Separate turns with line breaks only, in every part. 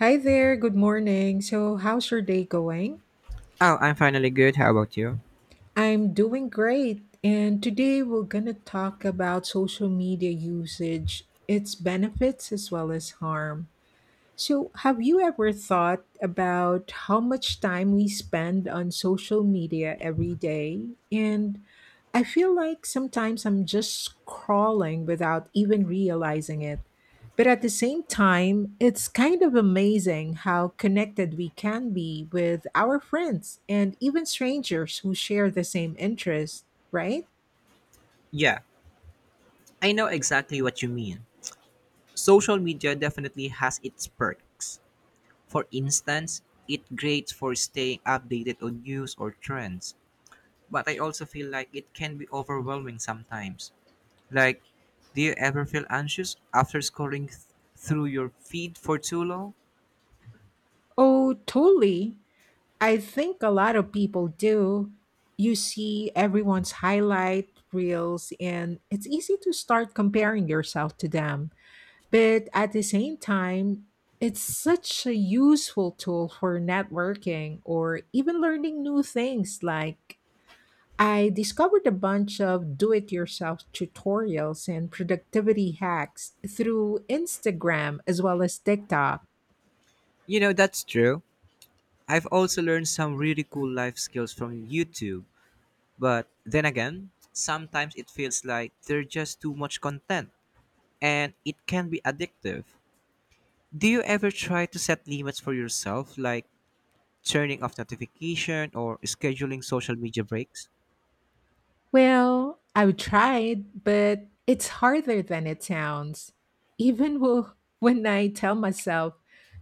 Hi there, good morning. So, how's your day going?
Oh, I'm finally good. How about you?
I'm doing great. And today we're going to talk about social media usage, its benefits as well as harm. So, have you ever thought about how much time we spend on social media every day? And I feel like sometimes I'm just scrolling without even realizing it. But at the same time, it's kind of amazing how connected we can be with our friends and even strangers who share the same interest, right?
Yeah, I know exactly what you mean. Social media definitely has its perks. For instance, it great for staying updated on news or trends, but I also feel like it can be overwhelming sometimes. Like, do you ever feel anxious after scrolling through your feed for too long?
Oh, totally. I think a lot of people do. You see everyone's highlight reels, and it's easy to start comparing yourself to them. But at the same time, it's such a useful tool for networking or even learning new things. Like, I discovered a bunch of do it yourself tutorials and productivity hacks through Instagram as well as TikTok.
You know, that's true. I've also learned some really cool life skills from YouTube, but then again, sometimes it feels like there's just too much content, and it can be addictive. Do you ever try to set limits for yourself, like turning off notification or scheduling social media breaks?
Well, I've tried, but it's harder than it sounds. Even when I tell myself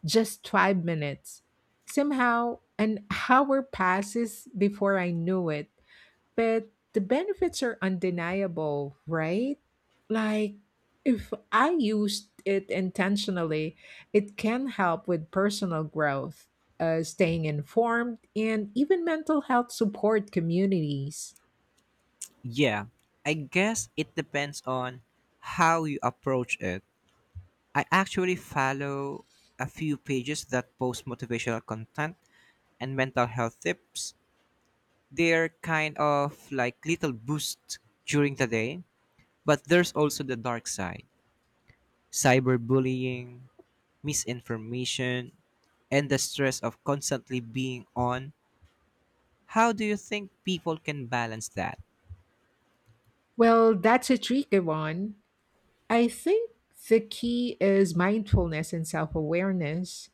just 5 minutes, somehow an hour passes before I knew it. But the benefits are undeniable, right? Like, if I used it intentionally, it can help with personal growth, staying informed, and even mental health support communities.
Yeah, I guess it depends on how you approach it. I actually follow a few pages that post motivational content and mental health tips. They're kind of like little boosts during the day, but there's also the dark side: cyberbullying, misinformation, and the stress of constantly being on. How do you think people can balance that?
Well, that's a tricky one. I think the key is mindfulness and self awareness.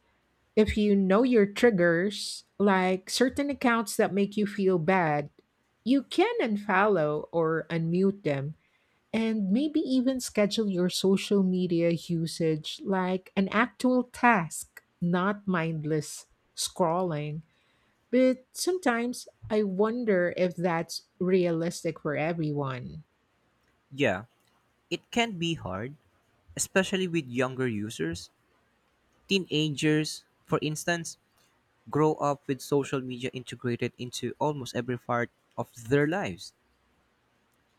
If you know your triggers, like certain accounts that make you feel bad, you can unfollow or unmute them and maybe even schedule your social media usage like an actual task, not mindless scrolling. But sometimes I wonder if that's realistic for everyone.
Yeah, it can be hard, especially with younger users. Teenagers, for instance, grow up with social media integrated into almost every part of their lives.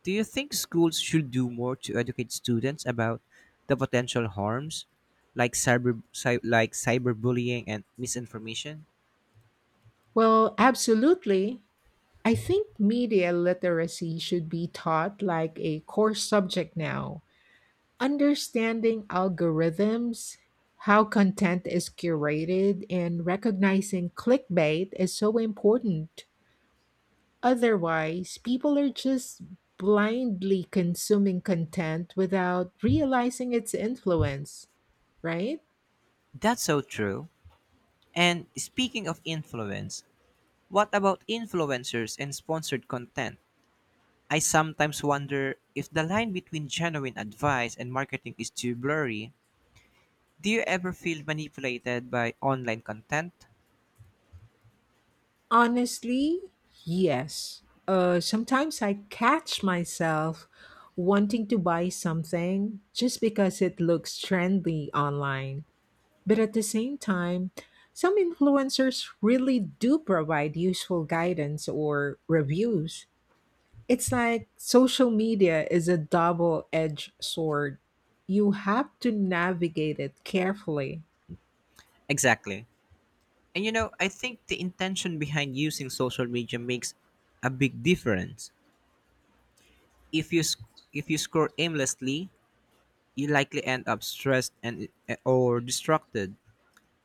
Do you think schools should do more to educate students about the potential harms like like cyberbullying and misinformation?
Well, absolutely. I think media literacy should be taught like a core subject now. Understanding algorithms, how content is curated, and recognizing clickbait is so important. Otherwise, people are just blindly consuming content without realizing its influence, right?
That's so true. And speaking of influence, what about influencers and sponsored content? I sometimes wonder if the line between genuine advice and marketing is too blurry. Do you ever feel manipulated by online content?
Honestly, yes. Sometimes I catch myself wanting to buy something just because it looks trendy online. But at the same time, some influencers really do provide useful guidance or reviews. It's like social media is a double edged sword. You have to navigate it carefully.
Exactly. And you know, I think the intention behind using social media makes a big difference. If you sc- if you scroll aimlessly, you likely end up stressed and or distracted.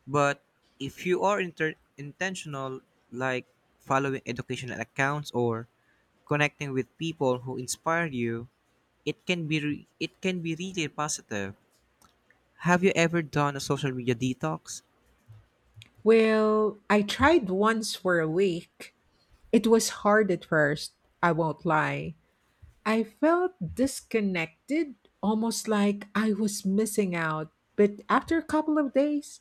But if you are intentional, like following educational accounts or connecting with people who inspire you, it can be really positive. Have you ever done a social media detox?
Well, I tried once for a week. It was hard at first, I won't lie. I felt disconnected, almost like I was missing out. But after a couple of days,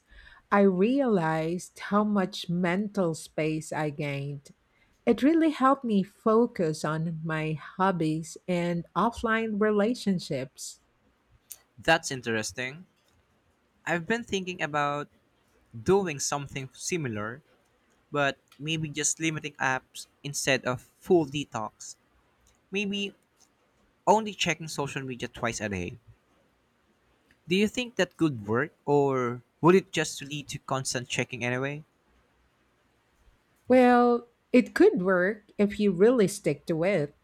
I realized how much mental space I gained. It really helped me focus on my hobbies and offline relationships.
That's interesting. I've been thinking about doing something similar, but maybe just limiting apps instead of full detox. Maybe only checking social media twice a day. Do you think that could work, or would it just lead to constant checking anyway?
Well, it could work if you really stick to it.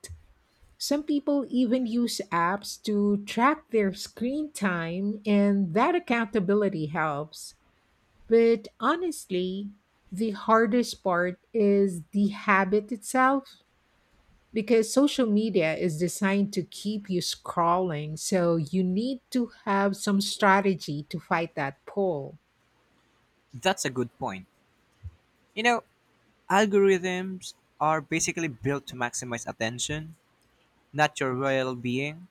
Some people even use apps to track their screen time, and that accountability helps. But honestly, the hardest part is the habit itself, because social media is designed to keep you scrolling. So you need to have some strategy to fight that pull.
That's a good point. You know, algorithms are basically built to maximize attention, not your well being.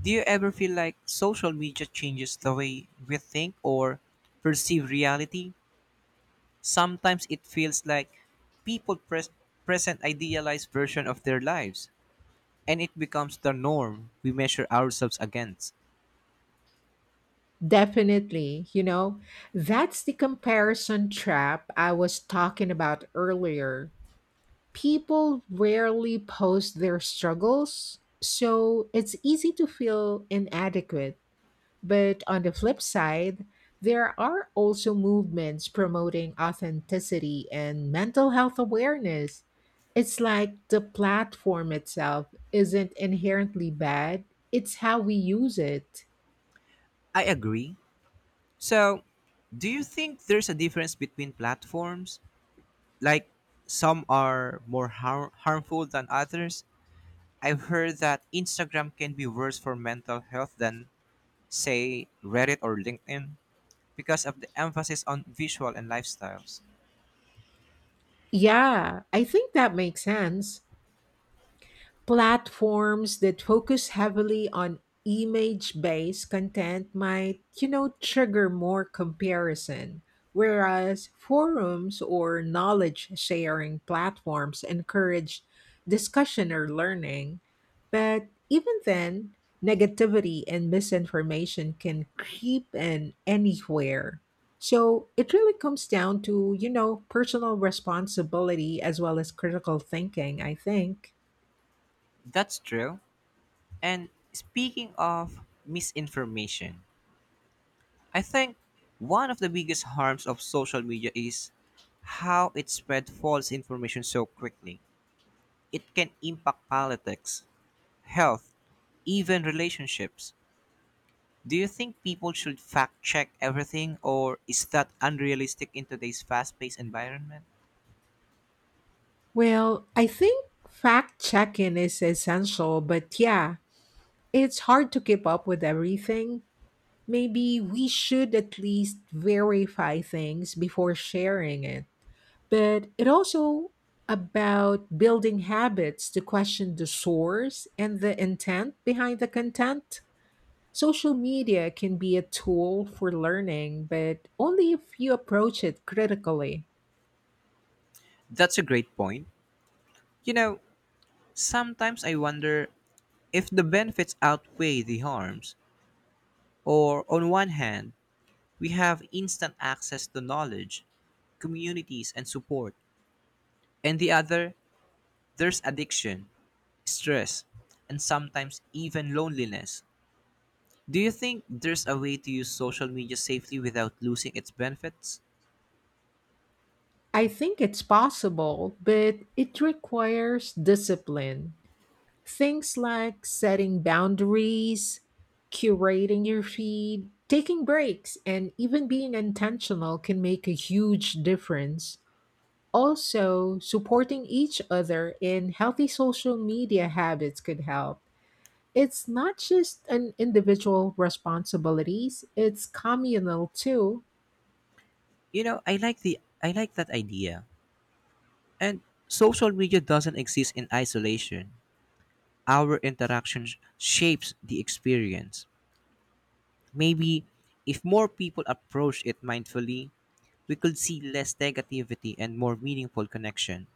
Do you ever feel like social media changes the way we think or perceive reality? Sometimes it feels like people present idealized version of their lives, and it becomes the norm we measure ourselves against.
Definitely, you know, that's the comparison trap I was talking about earlier. People rarely post their struggles, so it's easy to feel inadequate. But on the flip side, there are also movements promoting authenticity and mental health awareness. It's like the platform itself isn't inherently bad, it's how we use it.
I agree. So, do you think there's a difference between platforms? Like, some are more harmful than others? I've heard that Instagram can be worse for mental health than, say, Reddit or LinkedIn because of the emphasis on visual and lifestyles.
Yeah, I think that makes sense. Platforms that focus heavily on image based content might, you know, trigger more comparison, whereas forums or knowledge sharing platforms encourage discussion or learning. But even then, negativity and misinformation can creep in anywhere. So it really comes down to, you know, personal responsibility as well as critical thinking, I think.
That's true. And speaking of misinformation, I think one of the biggest harms of social media is how it spread false information so quickly. It can impact politics, health, even relationships. Do you think people should fact check everything, or is that unrealistic in today's fast paced environment?
Well, I think fact checking is essential, but yeah, it's hard to keep up with everything. Maybe we should at least verify things before sharing it. But it also about building habits to question the source and the intent behind the content. Social media can be a tool for learning, but only if you approach it critically.
That's a great point. You know, sometimes I wonder if the benefits outweigh the harms. Or, on one hand, we have instant access to knowledge, communities, and support. And the other, there's addiction, stress, and sometimes even loneliness. Do you think there's a way to use social media safely without losing its benefits?
I think it's possible, but it requires discipline. Things like setting boundaries, curating your feed, taking breaks, and even being intentional can make a huge difference. Also, supporting each other in healthy social media habits could help. It's not just an individual responsibilities, it's communal too.
You know, I like that idea. And social media doesn't exist in isolation. Our interaction shapes the experience. Maybe if more people approach it mindfully, we could see less negativity and more meaningful connection.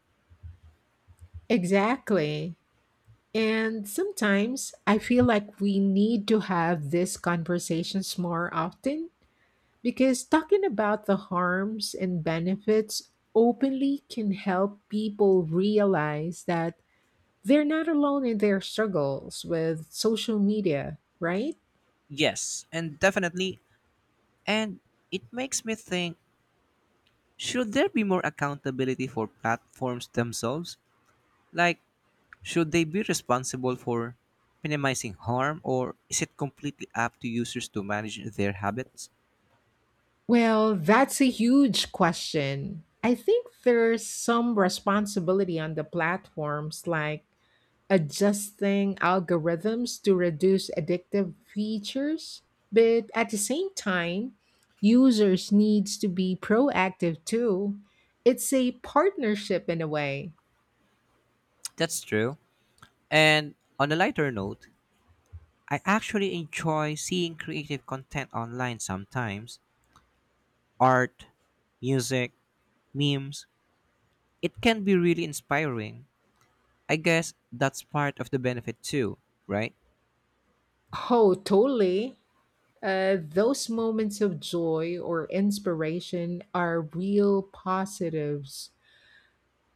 Exactly. And sometimes I feel like we need to have these conversations more often, because talking about the harms and benefits openly can help people realize that they're not alone in their struggles with social media, right?
Yes, and definitely. And it makes me think, should there be more accountability for platforms themselves? Like, should they be responsible for minimizing harm, or is it completely up to users to manage their habits?
Well, that's a huge question. I think there's some responsibility on the platforms, like adjusting algorithms to reduce addictive features, but at the same time users needs to be proactive too. It's a partnership in a way.
That's true. And on a lighter note, I actually enjoy seeing creative content online sometimes: art, music, memes. It can be really inspiring. I guess that's part of the benefit too, right?
Oh, totally. Those moments of joy or inspiration are real positives.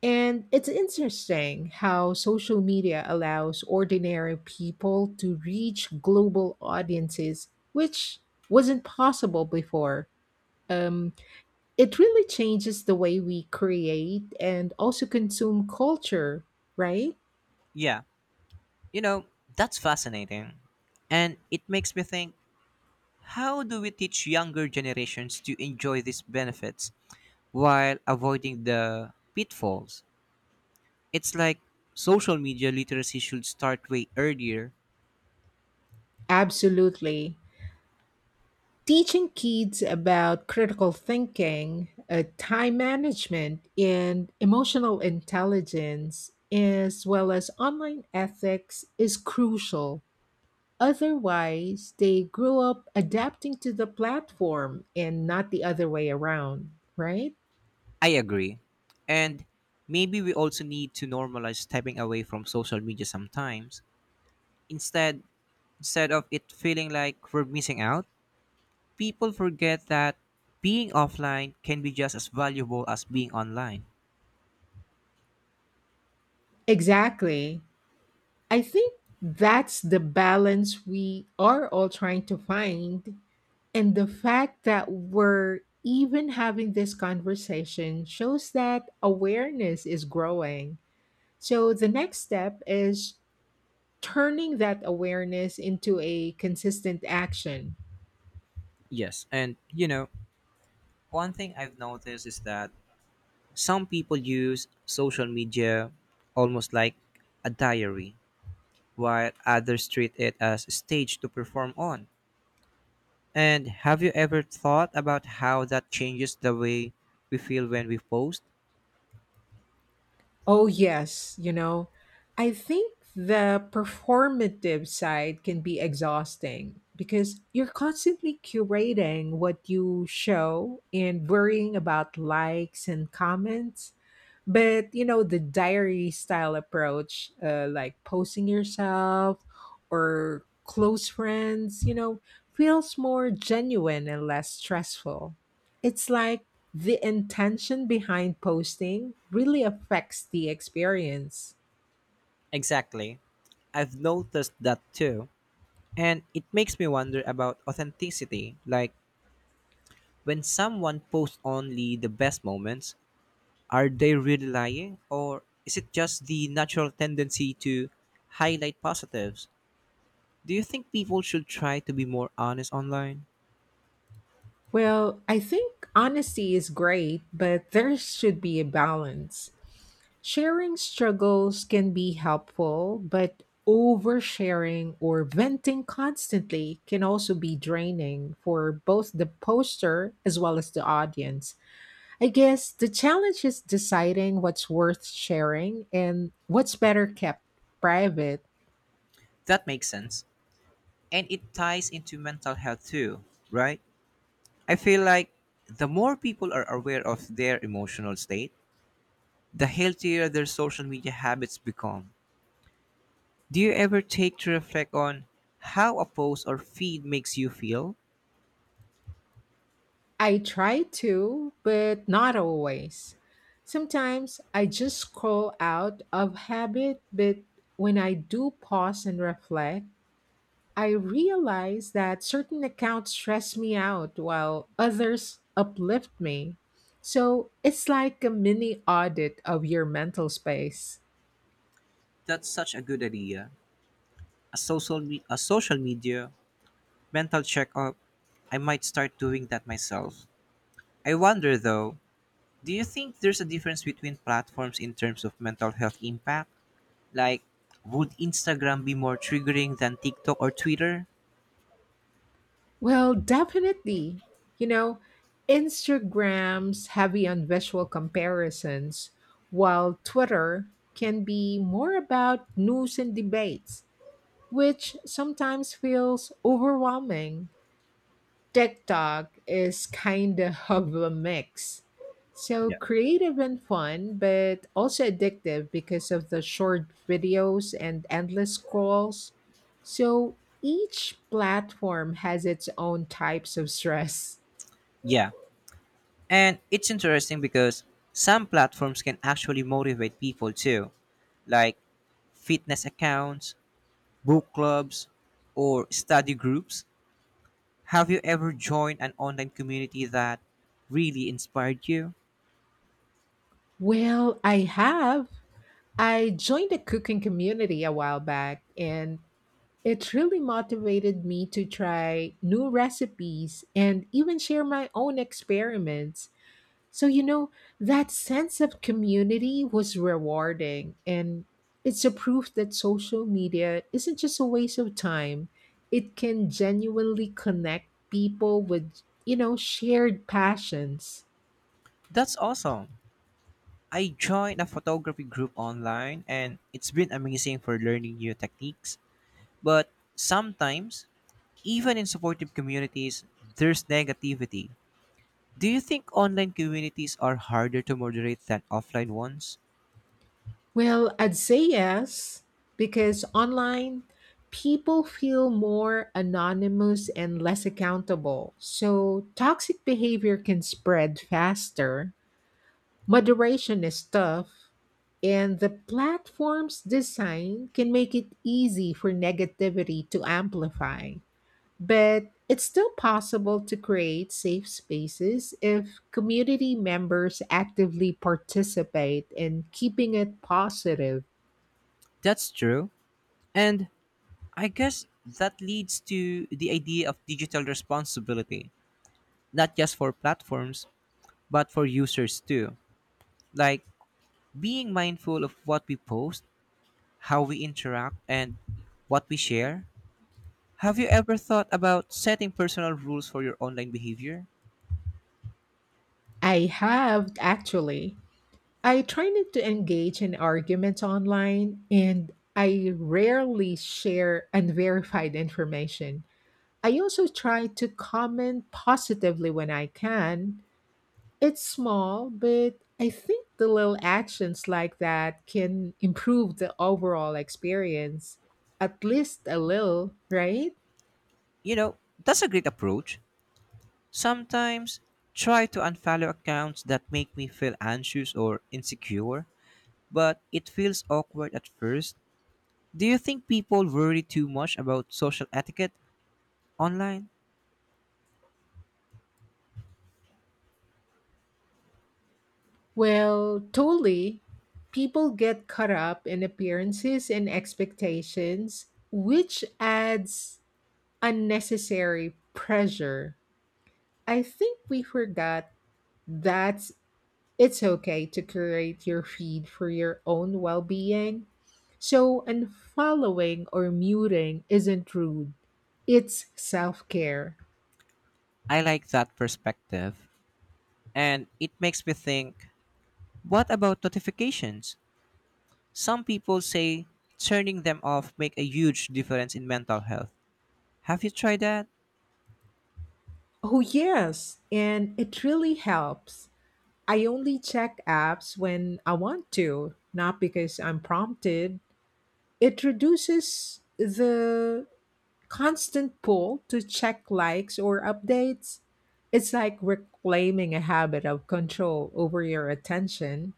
And it's interesting how social media allows ordinary people to reach global audiences, which wasn't possible before. Um, it really changes the way we create and also consume culture, right?
Yeah. You know, that's fascinating. And it makes me think, how do we teach younger generations to enjoy these benefits while avoiding the pitfalls? It's like social media literacy should start way earlier.
Absolutely. Teaching kids about critical thinking, time management, and emotional intelligence, as well as online ethics, is crucial. Otherwise, they grew up adapting to the platform and not the other way around, right?
I agree. And maybe we also need to normalize stepping away from social media sometimes. Instead, Instead of it feeling like we're missing out, people forget that being offline can be just as valuable as being online.
Exactly. I think that's the balance we are all trying to find. And the fact that we're even having this conversation shows that awareness is growing. So the next step is turning that awareness into a consistent action.
Yes, and you know, one thing I've noticed is that some people use social media almost like a diary, while others treat it as a stage to perform on. And have you ever thought about how that changes the way we feel when we post?
Oh, yes, you know, I think the performative side can be exhausting because you're constantly curating what you show and worrying about likes and comments. But, you know, the diary style approach, like posting yourself or close friends, you know, feels more genuine and less stressful. It's like the intention behind posting really affects the experience.
Exactly. I've noticed that too. And it makes me wonder about authenticity. Like, when someone posts only the best moments, are they really lying? Or is it just the natural tendency to highlight positives? Do you think people should try to be more honest online?
Well, I think honesty is great, but there should be a balance. Sharing struggles can be helpful, but oversharing or venting constantly can also be draining for both the poster as well as the audience. I guess the challenge is deciding what's worth sharing and what's better kept private.
That makes sense. And it ties into mental health too, right? I feel like the more people are aware of their emotional state, the healthier their social media habits become. Do you ever take to reflect on how a post or feed makes you feel?
I try to, but not always. Sometimes I just scroll out of habit, but when I do pause and reflect, I realize that certain accounts stress me out while others uplift me. So it's like a mini audit of your mental space.
That's such a good idea. A social media mental checkup. I might start doing that myself. I wonder though, do you think there's a difference between platforms in terms of mental health impact? Like, would Instagram be more triggering than TikTok or Twitter?
Well, definitely. You know, Instagram's heavy on visual comparisons, while Twitter can be more about news and debates, which sometimes feels overwhelming. TikTok is kind of a mix. So
Yeah.
creative and fun, but also addictive because of the short videos and endless scrolls. So each platform has its own types of stress.
Yeah. And it's interesting because some platforms can actually motivate people too, like fitness accounts, book clubs, or study groups. Have you ever joined an online community that really inspired you?
Well, I have. I joined a cooking community a while back and it really motivated me to try new recipes and even share my own experiments. So, you know, that sense of community was rewarding, and it's a proof that social media isn't just a waste of time. It can genuinely connect people with, you know, shared passions.
That's awesome. I joined a photography group online and it's been amazing for learning new techniques. But sometimes, even in supportive communities, there's negativity. Do you think online communities are harder to moderate than offline ones?
Well, I'd say yes, because online, people feel more anonymous and less accountable. So, toxic behavior can spread faster. Moderation is tough, and the platform's design can make it easy for negativity to amplify. But it's still possible to create safe spaces if community members actively participate in keeping it positive.
That's true. And I guess that leads to the idea of digital responsibility, not just for platforms, but for users too. Like being mindful of what we post, how we interact, and what we share. Have you ever thought about setting personal rules for your online behavior?
I have actually. I try not to engage in arguments online and I rarely share unverified information. I also try to comment positively when I can. It's small, but I think the little actions like that can improve the overall experience, at least a little, right?
You know, that's a great approach. Sometimes try to unfollow accounts that make me feel anxious or insecure, but it feels awkward at first. Do you think people worry too much about social etiquette online?
Well, totally. People get caught up in appearances and expectations, which adds unnecessary pressure. I think we forgot that's it's okay to curate your feed for your own well being. So, unfollowing or muting isn't rude, it's self care.
I like that perspective, and it makes me think, what about notifications? Some people say turning them off make a huge difference in mental health. Have you tried that?
Oh, yes, and it really helps. I only check apps when I want to, not because I'm prompted. It reduces the constant pull to check likes or updates. It's like reclaiming a habit of control over your attention.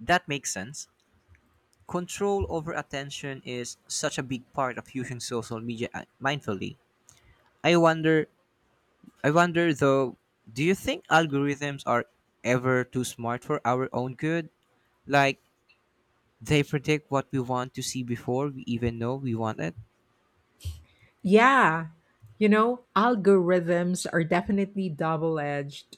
That makes sense. Control over attention is such a big part of using social media mindfully. I wonder I wonder though, do you think algorithms are ever too smart for our own good? Like they predict what we want to see before we even know we want it?
Yeah. You know, algorithms are definitely double edged.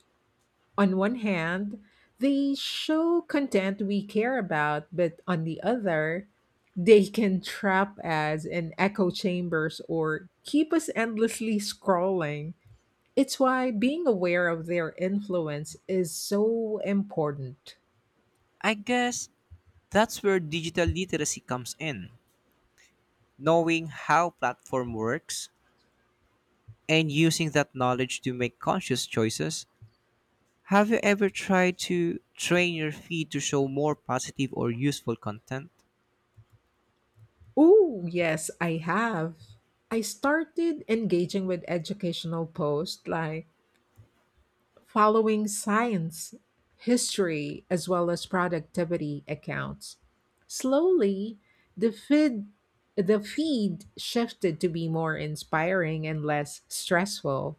On one hand, they show content we care about, but on the other, they can trap us in echo chambers or keep us endlessly scrolling. It's why being aware of their influence is so important.
I guess that's where digital literacy comes in. Knowing how platform works and using that knowledge to make conscious choices. Have you ever tried to train your feed to show more positive or useful content?
Oh, yes, I have. I started engaging with educational posts like following science, history, as well as productivity accounts. Slowly, the feed the feed shifted to be more inspiring and less stressful.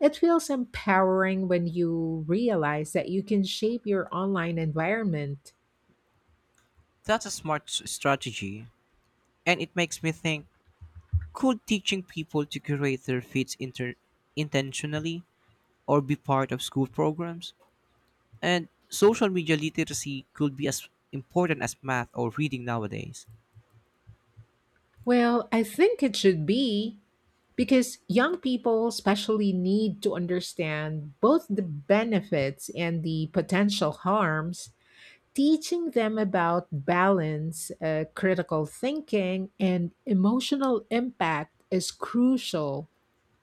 It feels empowering when you realize that you can shape your online environment.
That's a smart s- strategy, and it makes me think, could teaching people to curate their feeds intentionally or be part of school programs? And social media literacy could be as important as math or reading nowadays.
Well, I think it should be. Because young people, especially, need to understand both the benefits and the potential harms. Teaching them about balance, critical thinking, and emotional impact is crucial.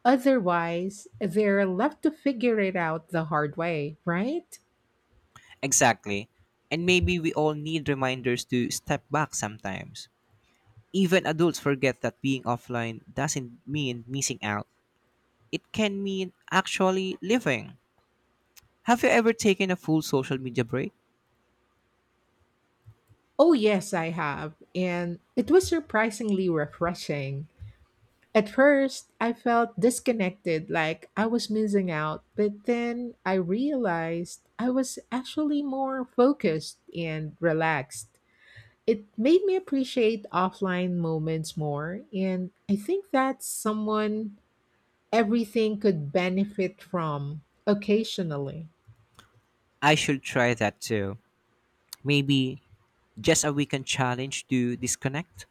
Otherwise, they're left to figure it out the hard way, right?
Exactly. And maybe we all need reminders to step back sometimes. Even adults forget that being offline doesn't mean missing out. It can mean actually living. Have you ever taken a full social media break?
Oh, yes, I have. And it was surprisingly refreshing. At first, I felt disconnected, like I was missing out, but then I realized I was actually more focused and relaxed. It made me appreciate offline moments more, and I think that's someone everything could benefit from occasionally.
I should try that too. Maybe just a weekend challenge to disconnect.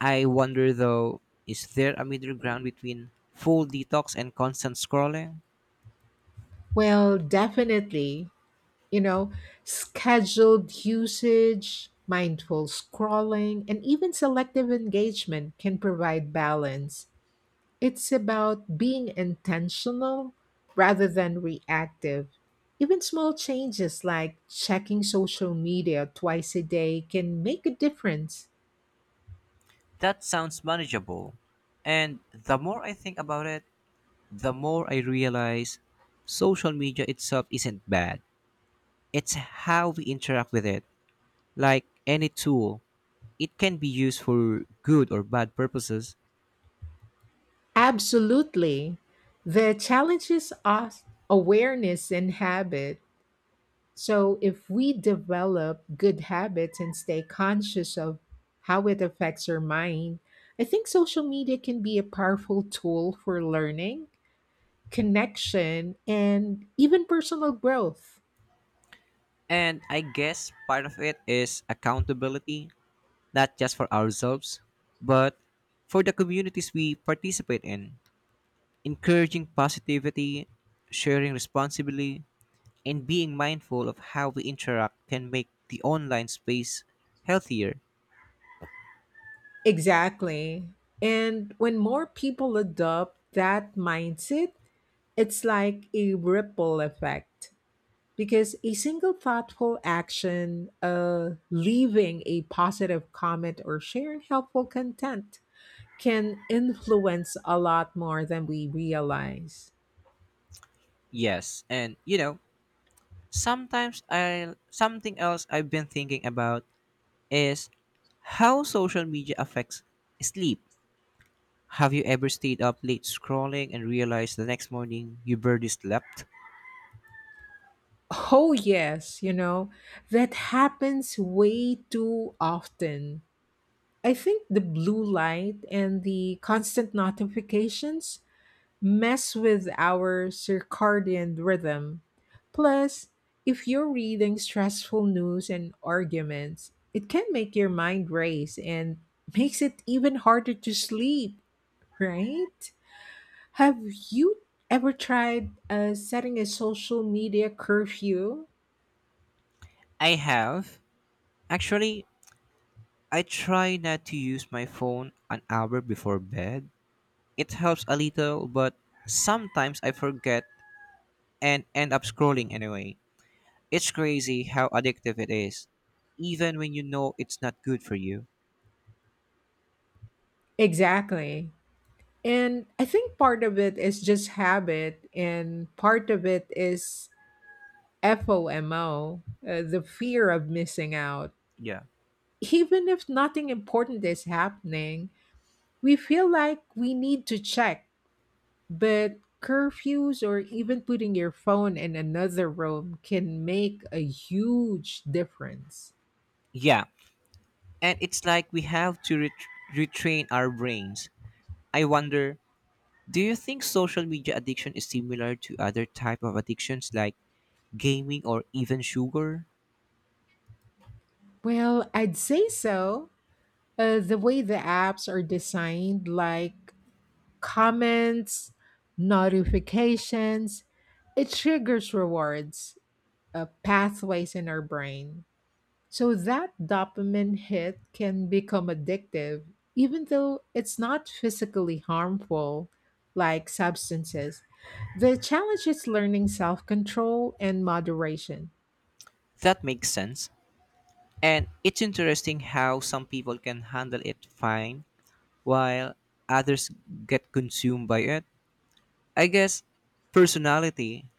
I wonder though, is there a middle ground between full detox and constant scrolling?
Well, definitely, you know, scheduled usage, mindful scrolling, and even selective engagement can provide balance. It's about being intentional rather than reactive. Even small changes like checking social media twice a day can make a difference.
That sounds manageable. And the more I think about it, the more I realize social media itself isn't bad. It's how we interact with it, like any tool. It can be used for good or bad purposes,
Absolutely. The challenge is us awareness and habit. So if we develop good habits and stay conscious of how it affects our mind, I think social media can be a powerful tool for learning connection, and even personal growth.
and I guess part of it is accountability, not just for ourselves, but for the communities we participate in. Encouraging positivity, sharing responsibly, and being mindful of how we interact can make the online space healthier.
Exactly. And when more people adopt that mindset, it's like a ripple effect, because a single thoughtful action, leaving a positive comment or sharing helpful content, can influence a lot more than we realize.
Yes, and you know, sometimes I something else I've been thinking about is how social media affects sleep. Have you ever stayed up late scrolling and realized the next morning you barely slept?
Oh, yes, you know, that happens way too often. I think the blue light and the constant notifications mess with our circadian rhythm. Plus, if you're reading stressful news and arguments, it can make your mind race and makes it even harder to sleep, right? Have you ever tried setting a social media curfew?
I have. Actually, I try not to use my phone an hour before bed. It helps a little, but sometimes I forget and end up scrolling anyway. It's crazy how addictive it is, even when you know it's not good for you.
Exactly. And I think part of it is just habit, and part of it is FOMO, the fear of missing out.
Yeah.
Even if nothing important is happening, we feel like we need to check. But curfews or even putting your phone in another room can make a huge difference.
Yeah, and it's like we have to retrain our brains. I wonder Do you think social media addiction is similar to other type of addictions like gaming or even sugar?
Well, I'd say so. The way the apps are designed, like comments, notifications, it triggers rewards, pathways in our brain. So that dopamine hit can become addictive, even though it's not physically harmful like substances. The challenge is learning self control and moderation.
That makes sense. And it's interesting how some people can handle it fine while others get consumed by it. I guess personality,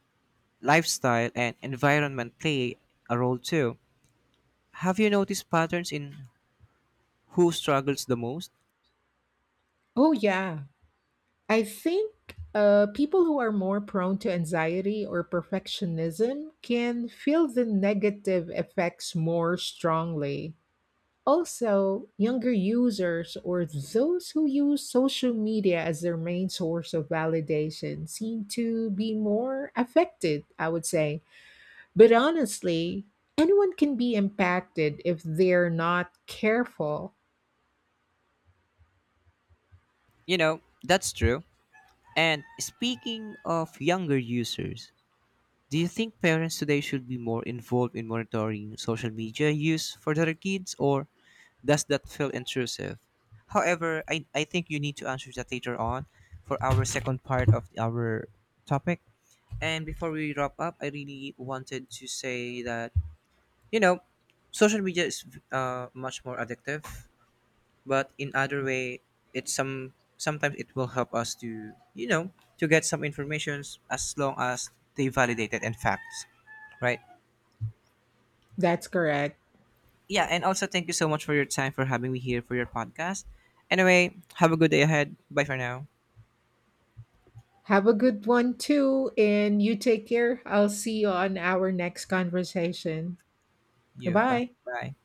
lifestyle and environment play a role too. Have you noticed patterns in who struggles the most?
Oh, yeah. I think people who are more prone to anxiety or perfectionism can feel the negative effects more strongly. Also, younger users or those who use social media as their main source of validation seem to be more affected, I would say. But honestly, anyone can be impacted if they're not careful.
You know, that's true. And speaking of younger users, do you think parents today should be more involved in monitoring social media use for their kids, or does that feel intrusive? However, I think you need to answer that later on for our second part of our topic. And before we wrap up, I really wanted to say that, you know, social media is much more addictive, but in other way, it's some sometimes it will help us to, to get some informations as long as they validated and facts, right?
That's correct.
Yeah, and also thank you so much for your time for having me here for your podcast. Anyway, have a good day ahead. Bye for now.
Have a good one too, and you take care. I'll see you on our next conversation.
You. Bye.
Goodbye.
Bye.